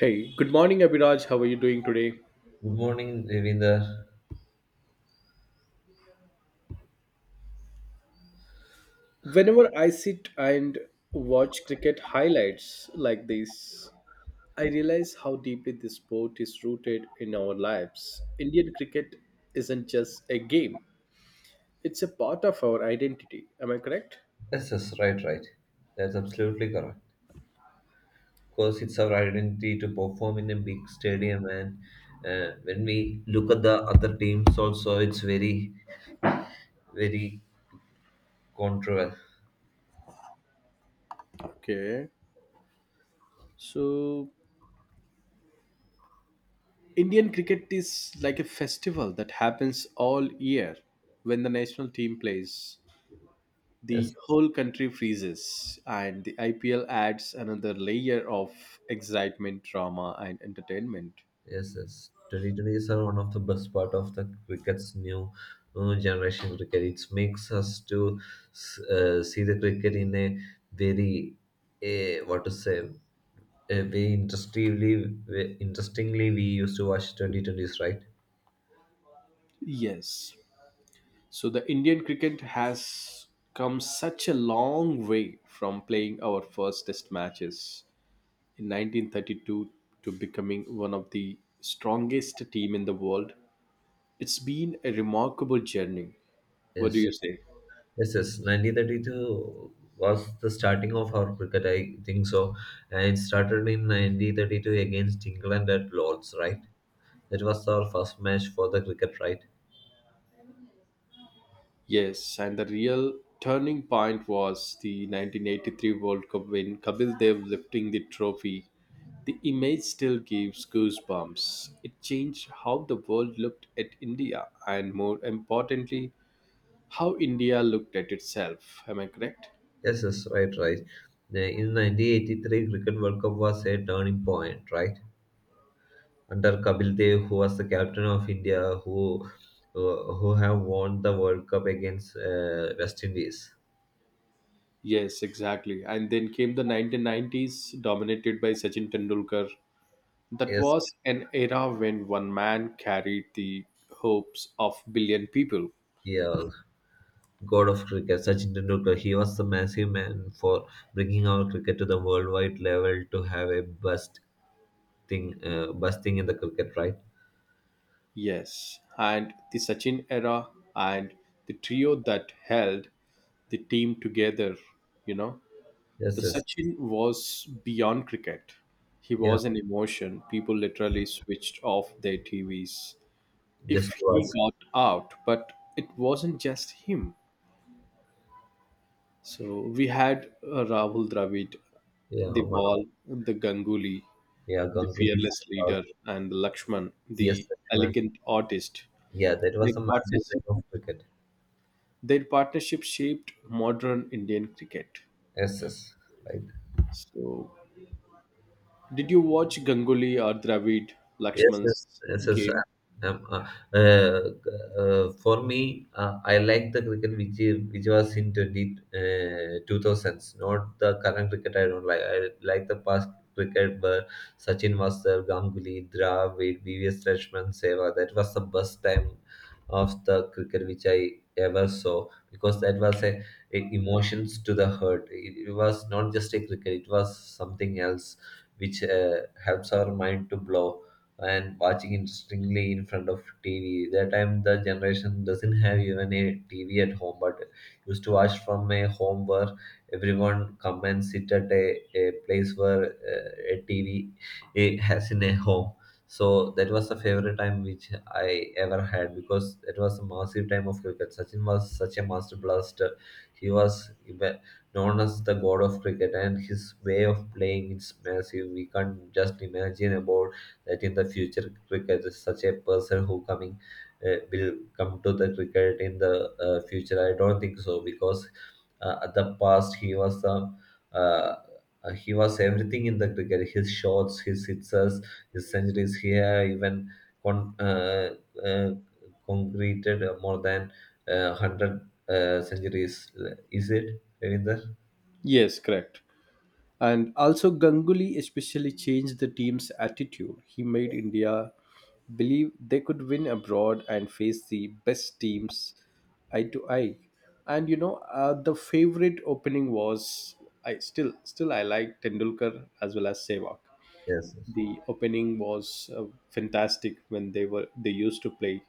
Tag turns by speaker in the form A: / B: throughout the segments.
A: Hey, good morning, Abhiraj. How are you doing today?
B: Good morning, Devinder.
A: Whenever I sit and watch cricket highlights like this, I realize how deeply this sport is rooted in our lives. Indian cricket isn't just a game, it's a part of our identity. Am I correct?
B: Yes, yes, right, right. That's absolutely correct. Because it's our identity to perform in a big stadium, and when we look at the other teams, also it's very, very controversial.
A: Okay. So, Indian cricket is like a festival that happens all year when the national team plays.
B: Yes,
A: The whole country freezes and the IPL adds another layer of excitement, drama and entertainment.
B: yes, yes. Twenty twenty is one of the best part of the cricket's new generation cricket. It makes us to see the cricket in a very, a, what to say. We interestingly, we, interestingly, we used to watch 2020s, right?
A: Yes. So the Indian cricket has come such a long way from playing our first test matches in 1932 to becoming one of the strongest team in the world. It's been a remarkable journey. What
B: Yes,
A: do you say?
B: yes, yes. 1932 was the starting of our cricket, I think so. And it started in 1932 against England at Lord's, right? That was our first match for the cricket, right?
A: Yes, and the real turning point was the 1983 World Cup win, Kapil Dev lifting the trophy. The image still gives goosebumps. It changed how the world looked at India and, more importantly, how India looked at itself. Am I correct?
B: Yes, yes, right, right. In 1983, Cricket World Cup was a turning point, right? Under Kapil Dev, who was the captain of India, who who have won the World Cup against West Indies.
A: Yes, exactly. And then came the 1990s, dominated by Sachin Tendulkar. That
B: Yes,
A: was an era when one man carried the hopes of billion people.
B: yeah, God of cricket, Sachin Tendulkar. He was the massive man for bringing our cricket to the worldwide level to have a best thing in the cricket, right?
A: Yes, and the Sachin era and the trio that held the team together, you know. The
B: Yes, yes,
A: Sachin was beyond cricket. He
B: yeah.
A: was an emotion. People literally switched off their TVs
B: Just
A: if he
B: was,
A: got out, but it wasn't just him. So we had Rahul Dravid,
B: yeah,
A: the ball, the Ganguly,
B: yeah,
A: the
B: Ganguly,
A: fearless
B: uh,
A: leader, and the Lakshman,
B: P.S.
A: the
B: Lakshman.
A: elegant artist.
B: Yeah, that
A: Their
B: was a massive thing
A: partnership
B: of cricket.
A: Their partnership shaped modern Indian cricket.
B: Yes, yes, right.
A: So, did you watch Ganguly or Dravid
B: Yes, yes,
A: Lakshman's
B: yes, yes.
A: game?
B: Um, uh, uh, for me, I like the cricket which was in 20, 2000s, not the current cricket I don't like. I like the past cricket where Sachin was there, Ganguly, Dravid, B.V.S. Lakshman, Sehwag. That was the best time of the cricket which I ever saw, because that was a emotions to the heart. It was not just a cricket; it was something else which helps our mind to blow, and watching interestingly in front of TV. That time the generation doesn't have even a TV at home, but used to watch from a home where everyone come and sit at a place where a TV it has in a home. So that was the favorite time which I ever had, because it was a massive time of cricket. Sachin was such a master blaster. He was known as the god of cricket, and his way of playing is massive. We can't just imagine about that in the future cricket is such a person who coming will come to the cricket in the future. I don't think so, because at the past he was some. uh, he was everything in the cricket: his shots, his sixes, his centuries. He had even con- uh, uh, concreted more than 100 centuries. Is it Ravinder?
A: Yes, correct. And also, Ganguly especially changed the team's attitude. He made India believe they could win abroad and face the best teams eye to eye. And the favorite opening was I still, I like Tendulkar as well as Sehwag.
B: Yes,
A: The opening was fantastic when they used to play.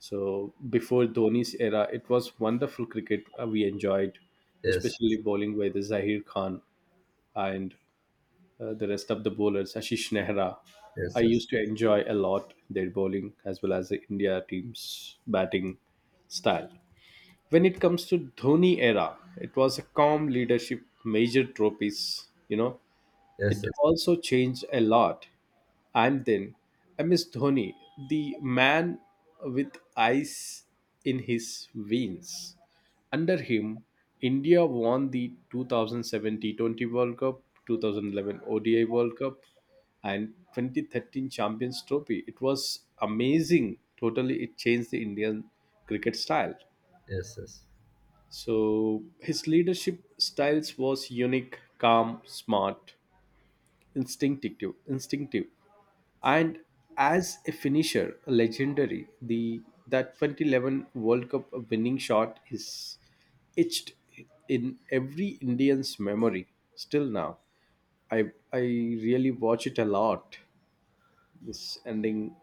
A: So before Dhoni's era, it was wonderful cricket we enjoyed,
B: yes,
A: especially bowling by the Zahir Khan and the rest of the bowlers, Ashish Nehra. I
B: yes, yes, yes,
A: used to enjoy a lot their bowling as well as the India team's batting style. When it comes to Dhoni era, it was a calm leadership, major trophies, it
B: yes,
A: also changed a lot. And then I miss Dhoni, the man with ice in his veins. Under him, India won the 2007 T20 World Cup, 2011 ODI World Cup, and 2013 Champions Trophy. It was amazing. Totally, it changed the Indian cricket style.
B: yes, yes.
A: So his leadership styles was unique, calm, smart, instinctive, and as a finisher, a legendary. The that 2011 world cup winning shot is etched in every Indian's memory still now. I i really watch it a lot. This ending,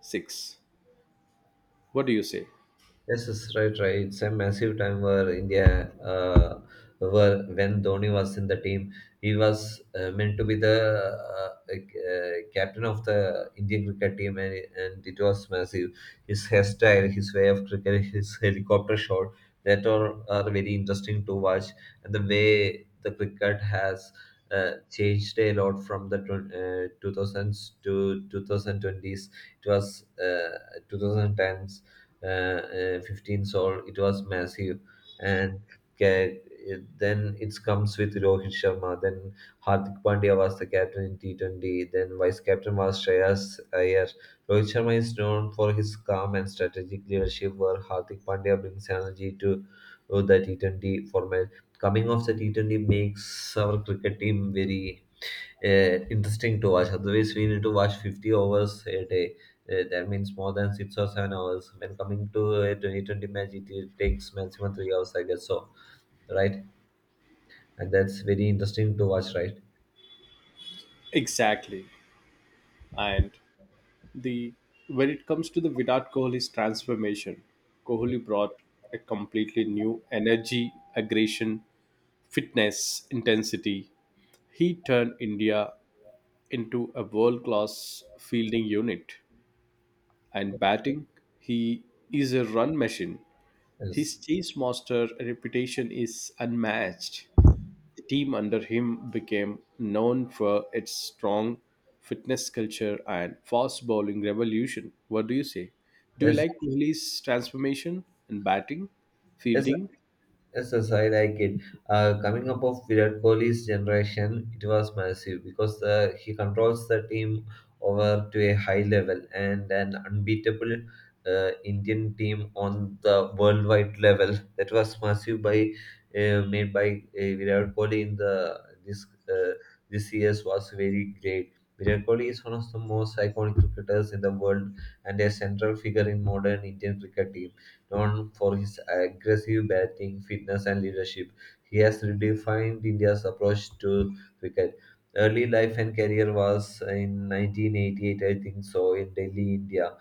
A: 6. What do you say?
B: Yes, yes, right, right. It's a massive time where when Dhoni was in the team, he was meant to be the captain of the Indian cricket team, and it was massive. His hairstyle, his way of cricket, his helicopter shot, that all are very interesting to watch, and the way the cricket has changed a lot from the 2000s to 2020s. It was 2010s, 15 all it was massive and ca- then it comes with Rohit Sharma, then Hardik Pandya was the captain in T20, then vice captain was Shreyas Iyer. Rohit Sharma is known for his calm and strategic leadership, where Hardik Pandya brings energy to the T20 format. Coming off the T20 makes our cricket team very interesting to watch. Otherwise, we need to watch 50 hours a day. That means more than 6 or 7 hours. When coming to a 2020 match, it takes maximum 3 hours, I guess so, right? And that's very interesting to watch, right?
A: Exactly. And the when it comes to the Virat Kohli's transformation,
B: Yes.
A: Kohli brought a completely new energy, aggression, fitness, intensity. He turned India into a world-class fielding unit and batting. He is a run machine. His chase master reputation is unmatched. The team under him became known for its strong fitness culture and fast bowling revolution. What do you say? Do you
B: Yes.
A: like Kohli's transformation in batting,
B: Yes.
A: fielding?
B: Yes, yes, I like it. Coming up of Virat Kohli's generation, it was massive, because he controls the team over to a high level and an unbeatable Indian team on the worldwide level. That was massive by made by Virat Kohli in the this uh, this year's was very great. Virat Kohli is one of the most iconic cricketers in the world and a central figure in modern Indian cricket team, known for his aggressive batting, fitness, and leadership. He has redefined India's approach to cricket. Early life and career was in 1988, I think so, in Delhi, India.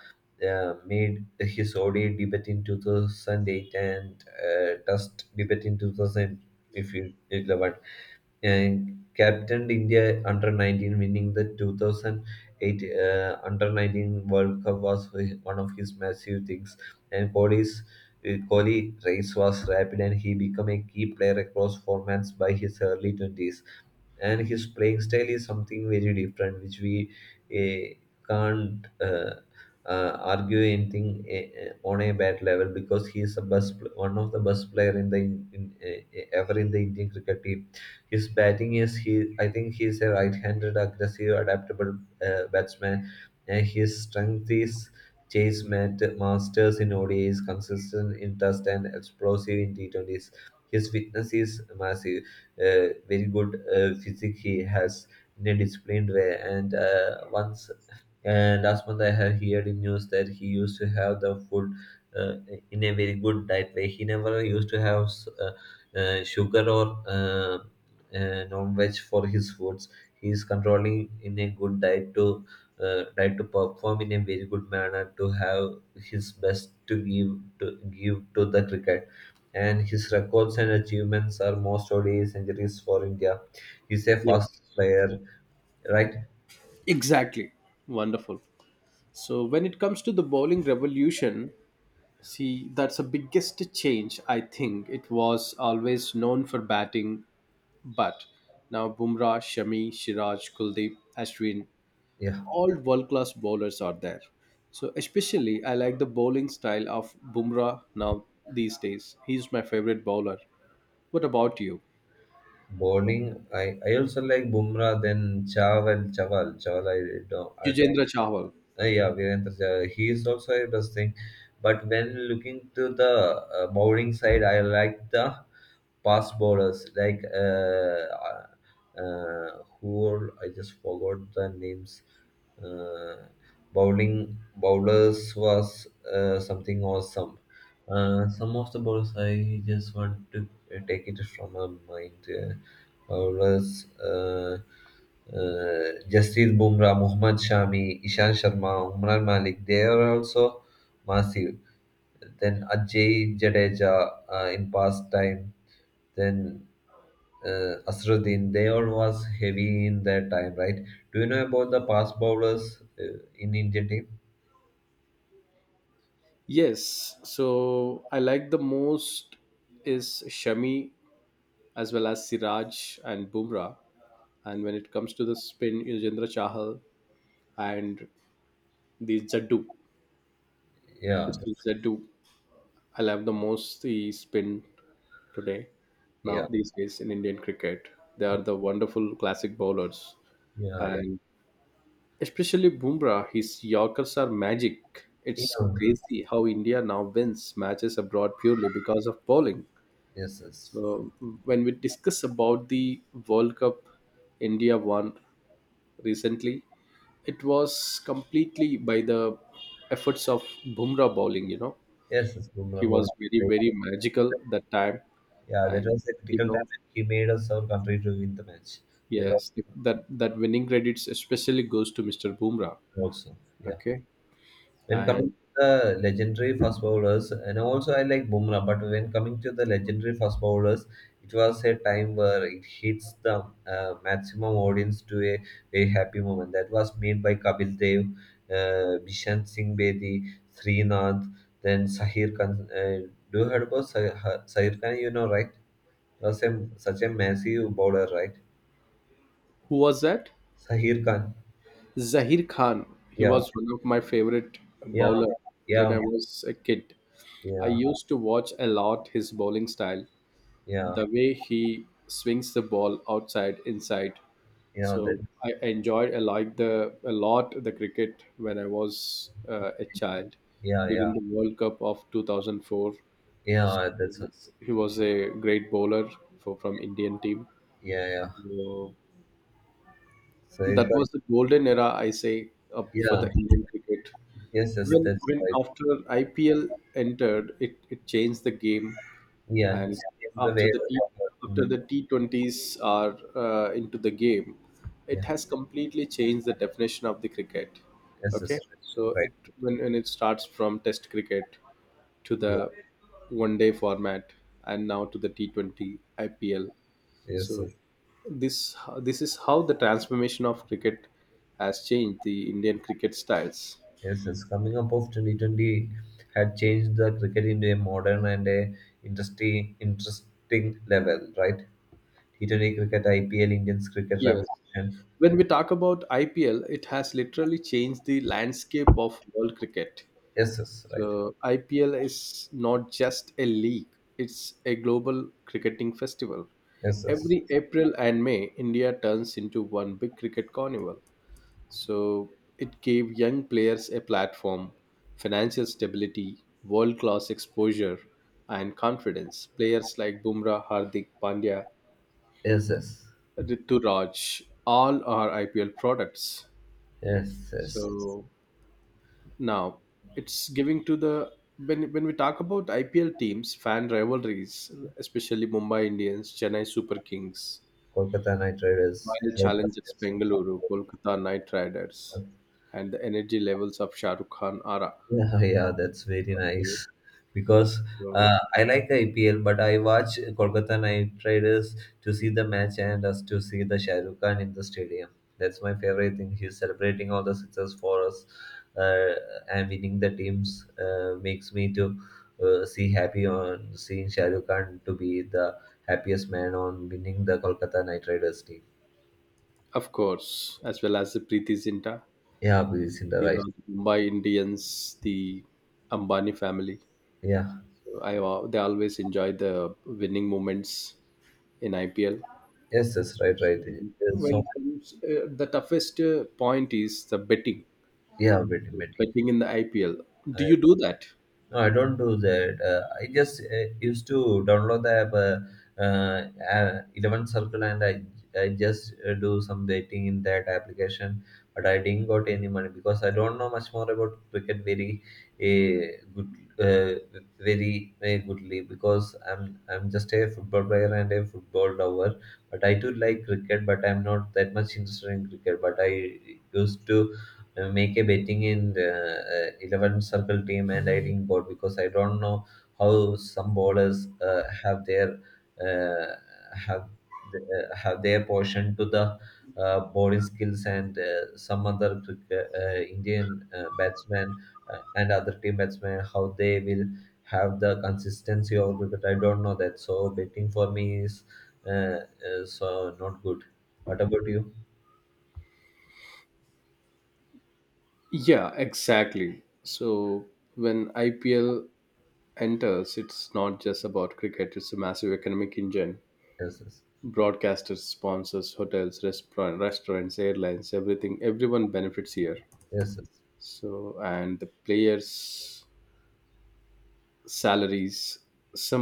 B: Made his ODI debut in 2008, and Test debut in 2011, and captained India under 19, winning the 2008 under 19 World Cup was one of his massive things. And Kohli race was rapid, and he became a key player across formats by his early 20s, and his playing style is something very different, which we eh, can't argue anything on a bat level, because he is one of the best player in the ever in the Indian cricket team. His batting is, he, I think he is a right-handed, aggressive, adaptable batsman, and his strength is. Chase met masters in ODIs, consistent in test and explosive in T20s. His fitness is massive, very good physique he has in a disciplined way, and once and last month I have heard in news that he used to have the food uh, in a very good diet way. He never used to have sugar or non-veg for his foods. He is controlling in a good diet to diet to perform in a very good manner to have his best, to give to the cricket. And his records and achievements are most ODI centuries for India. He's a fast
A: Yes.
B: player, right?
A: Exactly. Wonderful. So when it comes to the bowling revolution, see that's the biggest change I think. It was always known for batting, but now Bumrah, Shami, Siraj, Kuldeep, Ashwin,
B: Yeah.
A: all world class bowlers are there. So especially I like the bowling style of Bumrah now these days. He's my favorite bowler. What about you?
B: Bowling, I also like Bumrah, then Chaval, I don't.
A: Yujendra Chahal.
B: Yeah, Virendra Sehwag, he is also a best thing. But when looking to the bowling side, I like the past bowlers like uh, I just forgot the names. Uh, bowling bowlers was something awesome. Some of the bowlers I just want to take it from my mind. Bowlers: Jasprit Bumrah, Mohammad Shami, Ishan Sharma, Umran Malik. They are also massive. Then Ajay Jadeja, in past time. Then Asruddin, they all was heavy in their time, right? Do you know about the past bowlers in Indian team?
A: Yes, so I like the most is Shami as well as Siraj and Bumrah. And when it comes to the spin, Yujendra Chahal and the Jaddu,
B: Yeah,
A: Mr. Jaddu, I love the most the spin today now
B: yeah,
A: these days in Indian cricket. They
B: yeah,
A: are the wonderful classic bowlers,
B: yeah.
A: and especially Bumrah, his Yorkers are magic.
B: Yeah.
A: It's crazy how India now wins matches abroad purely because of bowling.
B: Yes, yes,
A: So when we discuss about the World Cup India won recently, it was completely by the efforts of Bumrah bowling.
B: yes, yes. Bumrah
A: He
B: bowled
A: was very
B: great.
A: very magical that time,
B: Yeah, that
A: and
B: was a
A: you
B: critical time
A: know
B: when he made us our country to win the match. That was
A: yes, that winning credits especially goes to Mr. Bumrah.
B: also, yeah.
A: Okay,
B: When coming
A: and
B: to the legendary fast bowlers, and also I like Bumrah, but when coming to the legendary fast bowlers, it was a time where it hits the maximum audience to a very happy moment. That was made by Kapil Dev, Bishan Singh Bedi, Srinath, then Sahir Khan. Do you heard about Sahir Khan? You know, right? Was such a massive bowler, right?
A: who was that?
B: Sahir Khan.
A: Zahir Khan. He
B: Yeah,
A: was one of my favorite
B: yeah,
A: bowler when
B: yeah,
A: I was a kid. I
B: yeah,
A: used to watch a lot his bowling style,
B: yeah,
A: the way he swings the ball outside, inside.
B: yeah.
A: So
B: That,
A: I enjoyed a lot the cricket when I was a child
B: yeah, yeah.
A: during the World Cup of 2004.
B: Yeah, that's us.
A: He was a great bowler for from Indian team.
B: Yeah, yeah.
A: So
B: So,
A: that
B: but
A: was the golden era, I say, up for
B: yeah,
A: the Indian cricket.
B: yes, yes,
A: When
B: that's
A: when
B: right.
A: after IPL entered, it changed the game,
B: Yeah,
A: and
B: it's in the
A: after
B: way
A: the
B: of
A: T,
B: our,
A: after the T20s are into the game, it
B: yeah,
A: has completely changed the definition of the cricket.
B: yes,
A: Okay,
B: yes, right.
A: so it
B: Right.
A: when it starts from Test cricket to
B: Yeah,
A: the one day format and now to the T20 IPL.
B: yes,
A: So
B: yes,
A: this this is how the transformation of cricket has changed the Indian cricket styles.
B: yes, yes. Coming up of 2020 had changed the cricket into a modern and a interesting, interesting level, right? T20 cricket, IPL, Indians cricket
A: Yes.
B: revolution.
A: When we talk about IPL, it has literally changed the landscape of world cricket.
B: Yes, yes, right.
A: So IPL is not just a league, it's a global cricketing festival.
B: Yes, yes,
A: Every April and May, India turns into one big cricket carnival. So it gave young players a platform, financial stability, world class exposure, and confidence. Players like Bumrah, Hardik, Pandya,
B: yes, yes,
A: Rituraj, all are IPL products.
B: yes, yes.
A: So now it's giving to the when we talk about IPL teams, fan rivalries, especially Mumbai Indians, Chennai Super Kings,
B: Kolkata Knight Riders.
A: Royal
B: Royal
A: Challengers
B: Challengers.
A: Bengaluru, Kolkata Knight Riders, and the energy levels of Shah Rukh Khan Ara.
B: Yeah, yeah, that's very
A: Okay.
B: nice. Because
A: So,
B: I like IPL, but I watch Kolkata Knight Riders to see the match and us to see the Shah Rukh Khan in the stadium. That's my favorite thing. He's celebrating all the success for us, uh, and winning the teams makes me to see happy on seeing Shah Rukh Khan to be the happiest man on winning the Kolkata Knight Riders team.
A: of course, as well as the Preeti Zinta,
B: Yeah, please in the right.
A: the Mumbai Indians, the Ambani family.
B: Yeah.
A: So, they always enjoy the winning moments in IPL.
B: Yes, yes, right, right. There's so
A: When
B: much.
A: it comes, the toughest point is the betting,
B: Yeah, waiting, waiting.
A: in the IPL. Do you do that?
B: No, I don't do that. I just used to download the app, 11 Circle, and I just do some betting in that application. But I didn't got any money, because I don't know much more about cricket very good, very very goodly, because I'm just a football player and a football lover. But I do like cricket, but I'm not that much interested in cricket. But I used to make a betting in the 11 circle team and I think board, because I don't know how some bowlers have their uh, have the, portion to the bowling skills and some other Indian batsmen and other team batsmen how they will have the consistency of cricket. I don't know that. So betting for me is so not good. What about you?
A: Yeah, exactly. So when IPL enters, it's not just about cricket, it's a massive economic engine.
B: Yes, yes,
A: Broadcasters, sponsors, hotels, restaurants, airlines, everything. Everyone benefits here.
B: yes, yes.
A: So and the players' salaries.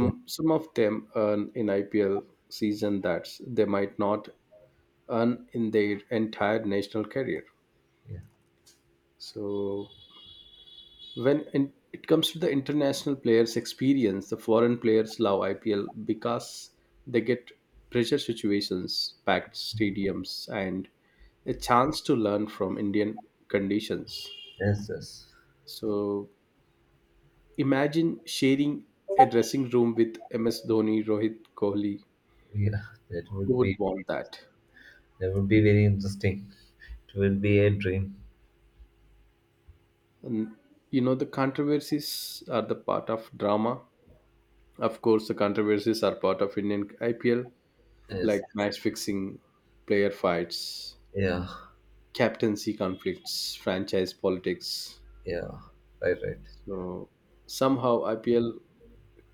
B: Yes.
A: some of them earn in IPL season that they might not earn in their entire national career.
B: Yeah.
A: So it comes to the international players experience. The foreign players love IPL because they get pressure situations, packed stadiums, and a chance to learn from Indian conditions.
B: Yes, yes.
A: So imagine sharing a dressing room with MS Dhoni, Rohit, Kohli.
B: Yeah, that
A: Who
B: would be
A: would want that?
B: that would be very interesting. It will be a dream.
A: And the controversies are the part of drama. Of course, the controversies are part of Indian IPL,
B: Yes.
A: like match fixing, player fights,
B: Yeah.
A: captaincy conflicts, franchise politics.
B: Yeah. Right. Right.
A: So somehow IPL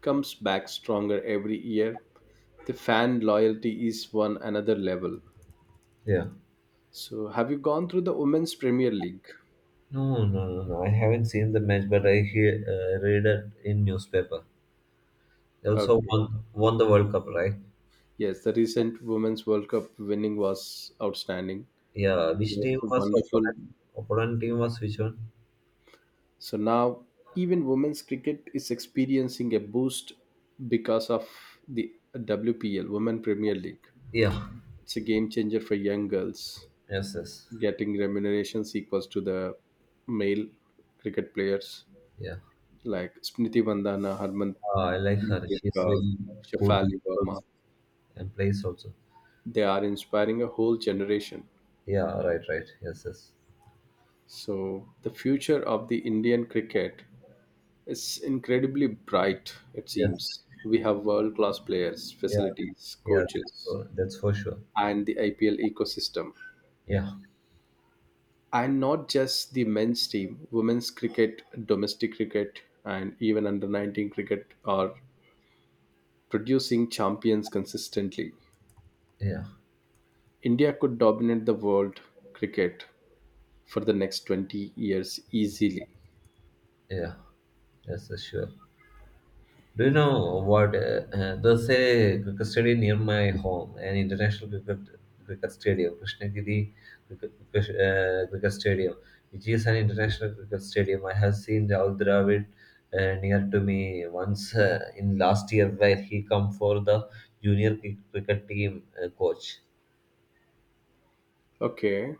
A: comes back stronger every year. The fan loyalty is one another level.
B: Yeah.
A: So have you gone through the Women's Premier League?
B: No, no, no, no, I haven't seen the match, but I hear read it in newspaper. They also
A: Okay.
B: won the World Cup, right?
A: Yes, the recent Women's World Cup winning was outstanding.
B: Yeah.
A: It
B: Which
A: was
B: team
A: a
B: was
A: wonderful.
B: opponent? Opponent team was which one?
A: So now even women's cricket is experiencing a boost because of the WPL, Women Premier League.
B: Yeah.
A: It's a game changer for young girls,
B: Yes. Yes.
A: getting remunerations equals to the male cricket players
B: Yeah.
A: like Smriti Vandana, Harman
B: I like her. She's
A: Kaur,
B: very cool
A: Shafali Verma.
B: and plays also.
A: They are inspiring a whole generation.
B: Yeah. Right. Right. Yes. Yes.
A: So the future of the Indian cricket. It's incredibly bright, it
B: Yes.
A: seems. We have world class players,
B: Yeah.
A: facilities,
B: Yeah,
A: coaches,
B: that's for sure.
A: and the IPL ecosystem.
B: Yeah,
A: And not just the men's team, women's cricket, domestic cricket, and even under 19 cricket are producing champions consistently.
B: yeah,
A: India could dominate the world cricket for the next 20 years easily.
B: yeah. Yes, sure. Do you know what? There's a cricket stadium near my home, an international cricket stadium, Krishnagiri cricket stadium, which is an international cricket stadium. I have seen Rahul Dravid near to me once in last year, where he come for the junior cricket team coach.
A: Okay,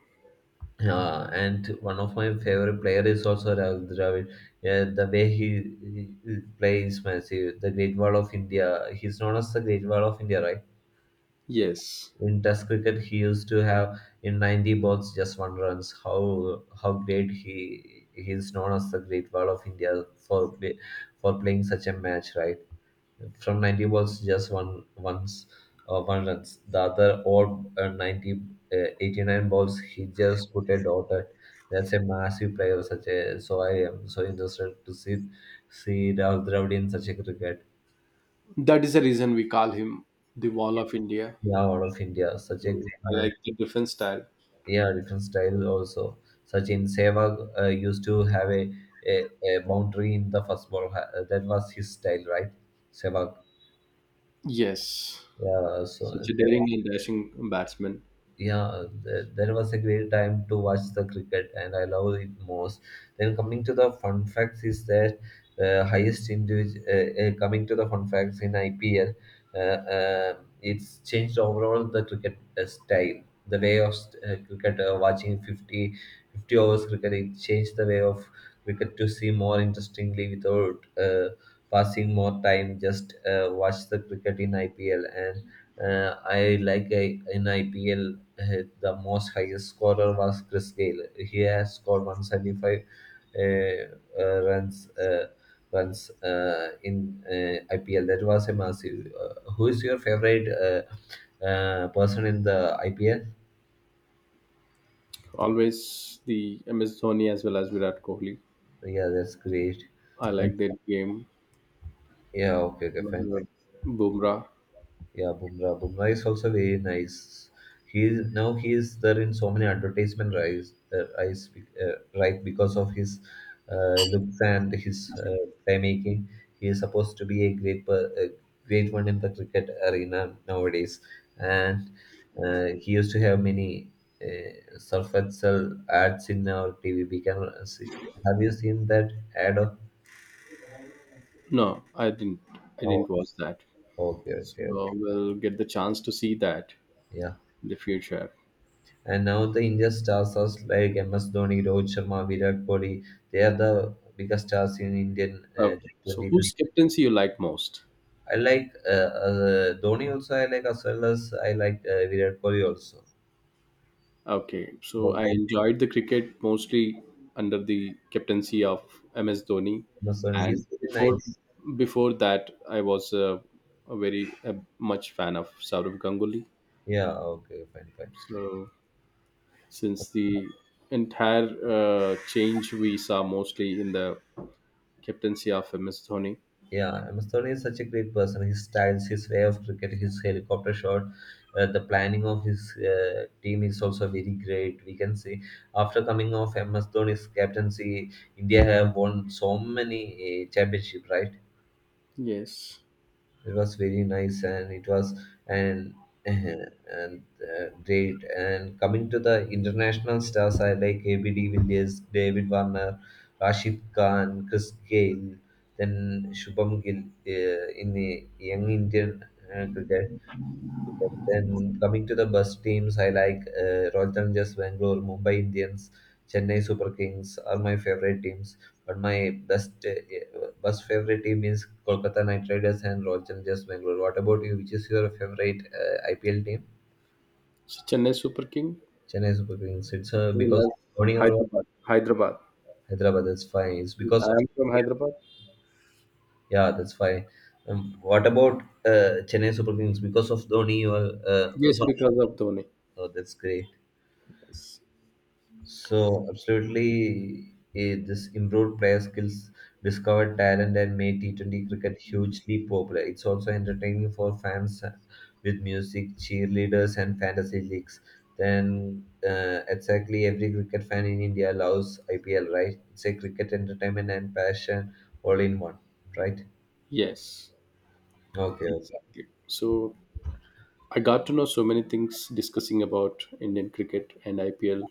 B: Yeah, and one of my favorite player is also Rahul Dravid. Yeah, the way he plays massive. The Great Wall of India. He's known as the Great Wall of India, right?
A: yes.
B: In Test cricket, he used to have in 90 balls just one runs. How great he is known as the Great Wall of India for playing such a match, right? From 90 balls just one runs the other or 90 89 balls he just put a dot at that's a massive player such a so I am so interested to see Rahul Dravid in such a cricket.
A: That is the reason we call him the Wall of India.
B: Yeah, out of India such a
A: So
B: great
A: I
B: man.
A: like the defense style.
B: Yeah, different style also such in sehwag used to have a a boundary in the first ball. That was his style, right? Sehwag.
A: Yes,
B: Yeah so.
A: such a daring and dashing batsman.
B: Yeah, there was a great time to watch the cricket, and I love it most. Then coming to the fun facts is that highest individual. Coming to the fun facts in IPL, uh, uh, it's changed overall the cricket style, the way of cricket watching fifty, 50 overs cricket. It changed the way of cricket to see more interestingly without passing more time. Just watch the cricket in IPL and. I like in IPL the most highest scorer was Chris Gayle. He has scored 175 uh, uh, runs uh, runs in IPL. That was a massive. Who is your favorite person in the IPL?
A: Always the MS Dhoni as well as Virat Kohli.
B: Yeah, that's great.
A: I
B: Then,
A: like their game.
B: yeah, okay, okay, fine.
A: Bumrah.
B: Yeah, Bumrah. Bumrah is also very nice. Now he is there in so many advertisement rise right because of his looks and his playmaking. He is supposed to be a a great one in the cricket arena nowadays, and he used to have many surfacial ads in our TV. We can see. Have you seen that ad? Of,
A: No, I didn't. I
B: oh,
A: didn't watch that.
B: okay,
A: So
B: okay, okay.
A: we'll get the chance to see that
B: Yeah.
A: in the future.
B: And now the Indian stars are like MS Dhoni, Rohit Sharma, Virat Kohli. They are the biggest stars in Indian
A: Okay. So
B: 2020.
A: whose captaincy you like most?
B: I like Dhoni also. I like as well as I like Virat Kohli also.
A: Okay, so
B: Both
A: I
B: I
A: enjoyed the cricket mostly under the captaincy of MS Dhoni,
B: MS Dhoni.
A: and
B: He's very
A: before
B: nice.
A: before that, I was a very much fan of Saurav Ganguly.
B: Yeah. Okay. Fine. Fine.
A: So since the entire change we saw mostly in the captaincy of MS Dhoni,
B: Yeah, MS Dhoni is such a great person. His styles, his way of cricket, his helicopter shot, the planning of his team is also very great. We can see after coming off MS Dhoni's captaincy, India have won so many championship, right?
A: yes.
B: It was very nice, and it was and and great. And coming to the international stars, I like ABD Villiers, David Warner, Rashid Khan, Chris Gayle, then Shubham Gill in the young Indian cricket. Then coming to the bus teams, I like Royal Challengers Bangalore, Mumbai Indians, Chennai Super Kings are my favorite teams. But my best favorite team is Kolkata Knight Riders and Royal Challengers Bangalore. What about you? Which is your favorite IPL team?
A: So Chennai Super King,
B: Chennai Super Kings. It's because
A: known as
B: of Dhoni or
A: Hyderabad. Hyderabad.
B: Hyderabad. That's fine. It's
A: I
B: because of
A: am from
B: Dhoni.
A: Hyderabad.
B: Yeah, that's fine. What about Chennai Super Kings? Because of Dhoni or
A: Yes,
B: sorry.
A: because of Dhoni.
B: Oh, that's great.
A: Yes.
B: So absolutely, eh, this improved player skills, discovered talent, and made T20 cricket hugely popular. It's also entertaining for fans with music, cheerleaders, and fantasy leagues. Then exactly every cricket fan in India loves IPL, right? It's a cricket entertainment and passion all in one, right?
A: Yes.
B: Okay, okay.
A: Exactly. So I got to know so many things discussing about Indian cricket and IPL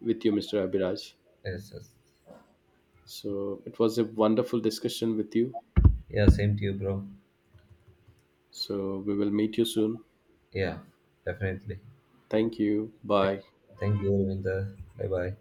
A: with you, Mr. Abhiraj.
B: Yes, yes.
A: So it was a wonderful discussion with you.
B: Yeah, same to you, bro.
A: So we will meet you soon.
B: Yeah, definitely.
A: Thank you.
B: Thank,
A: Bye.
B: thank you, Ravinder. Bye bye.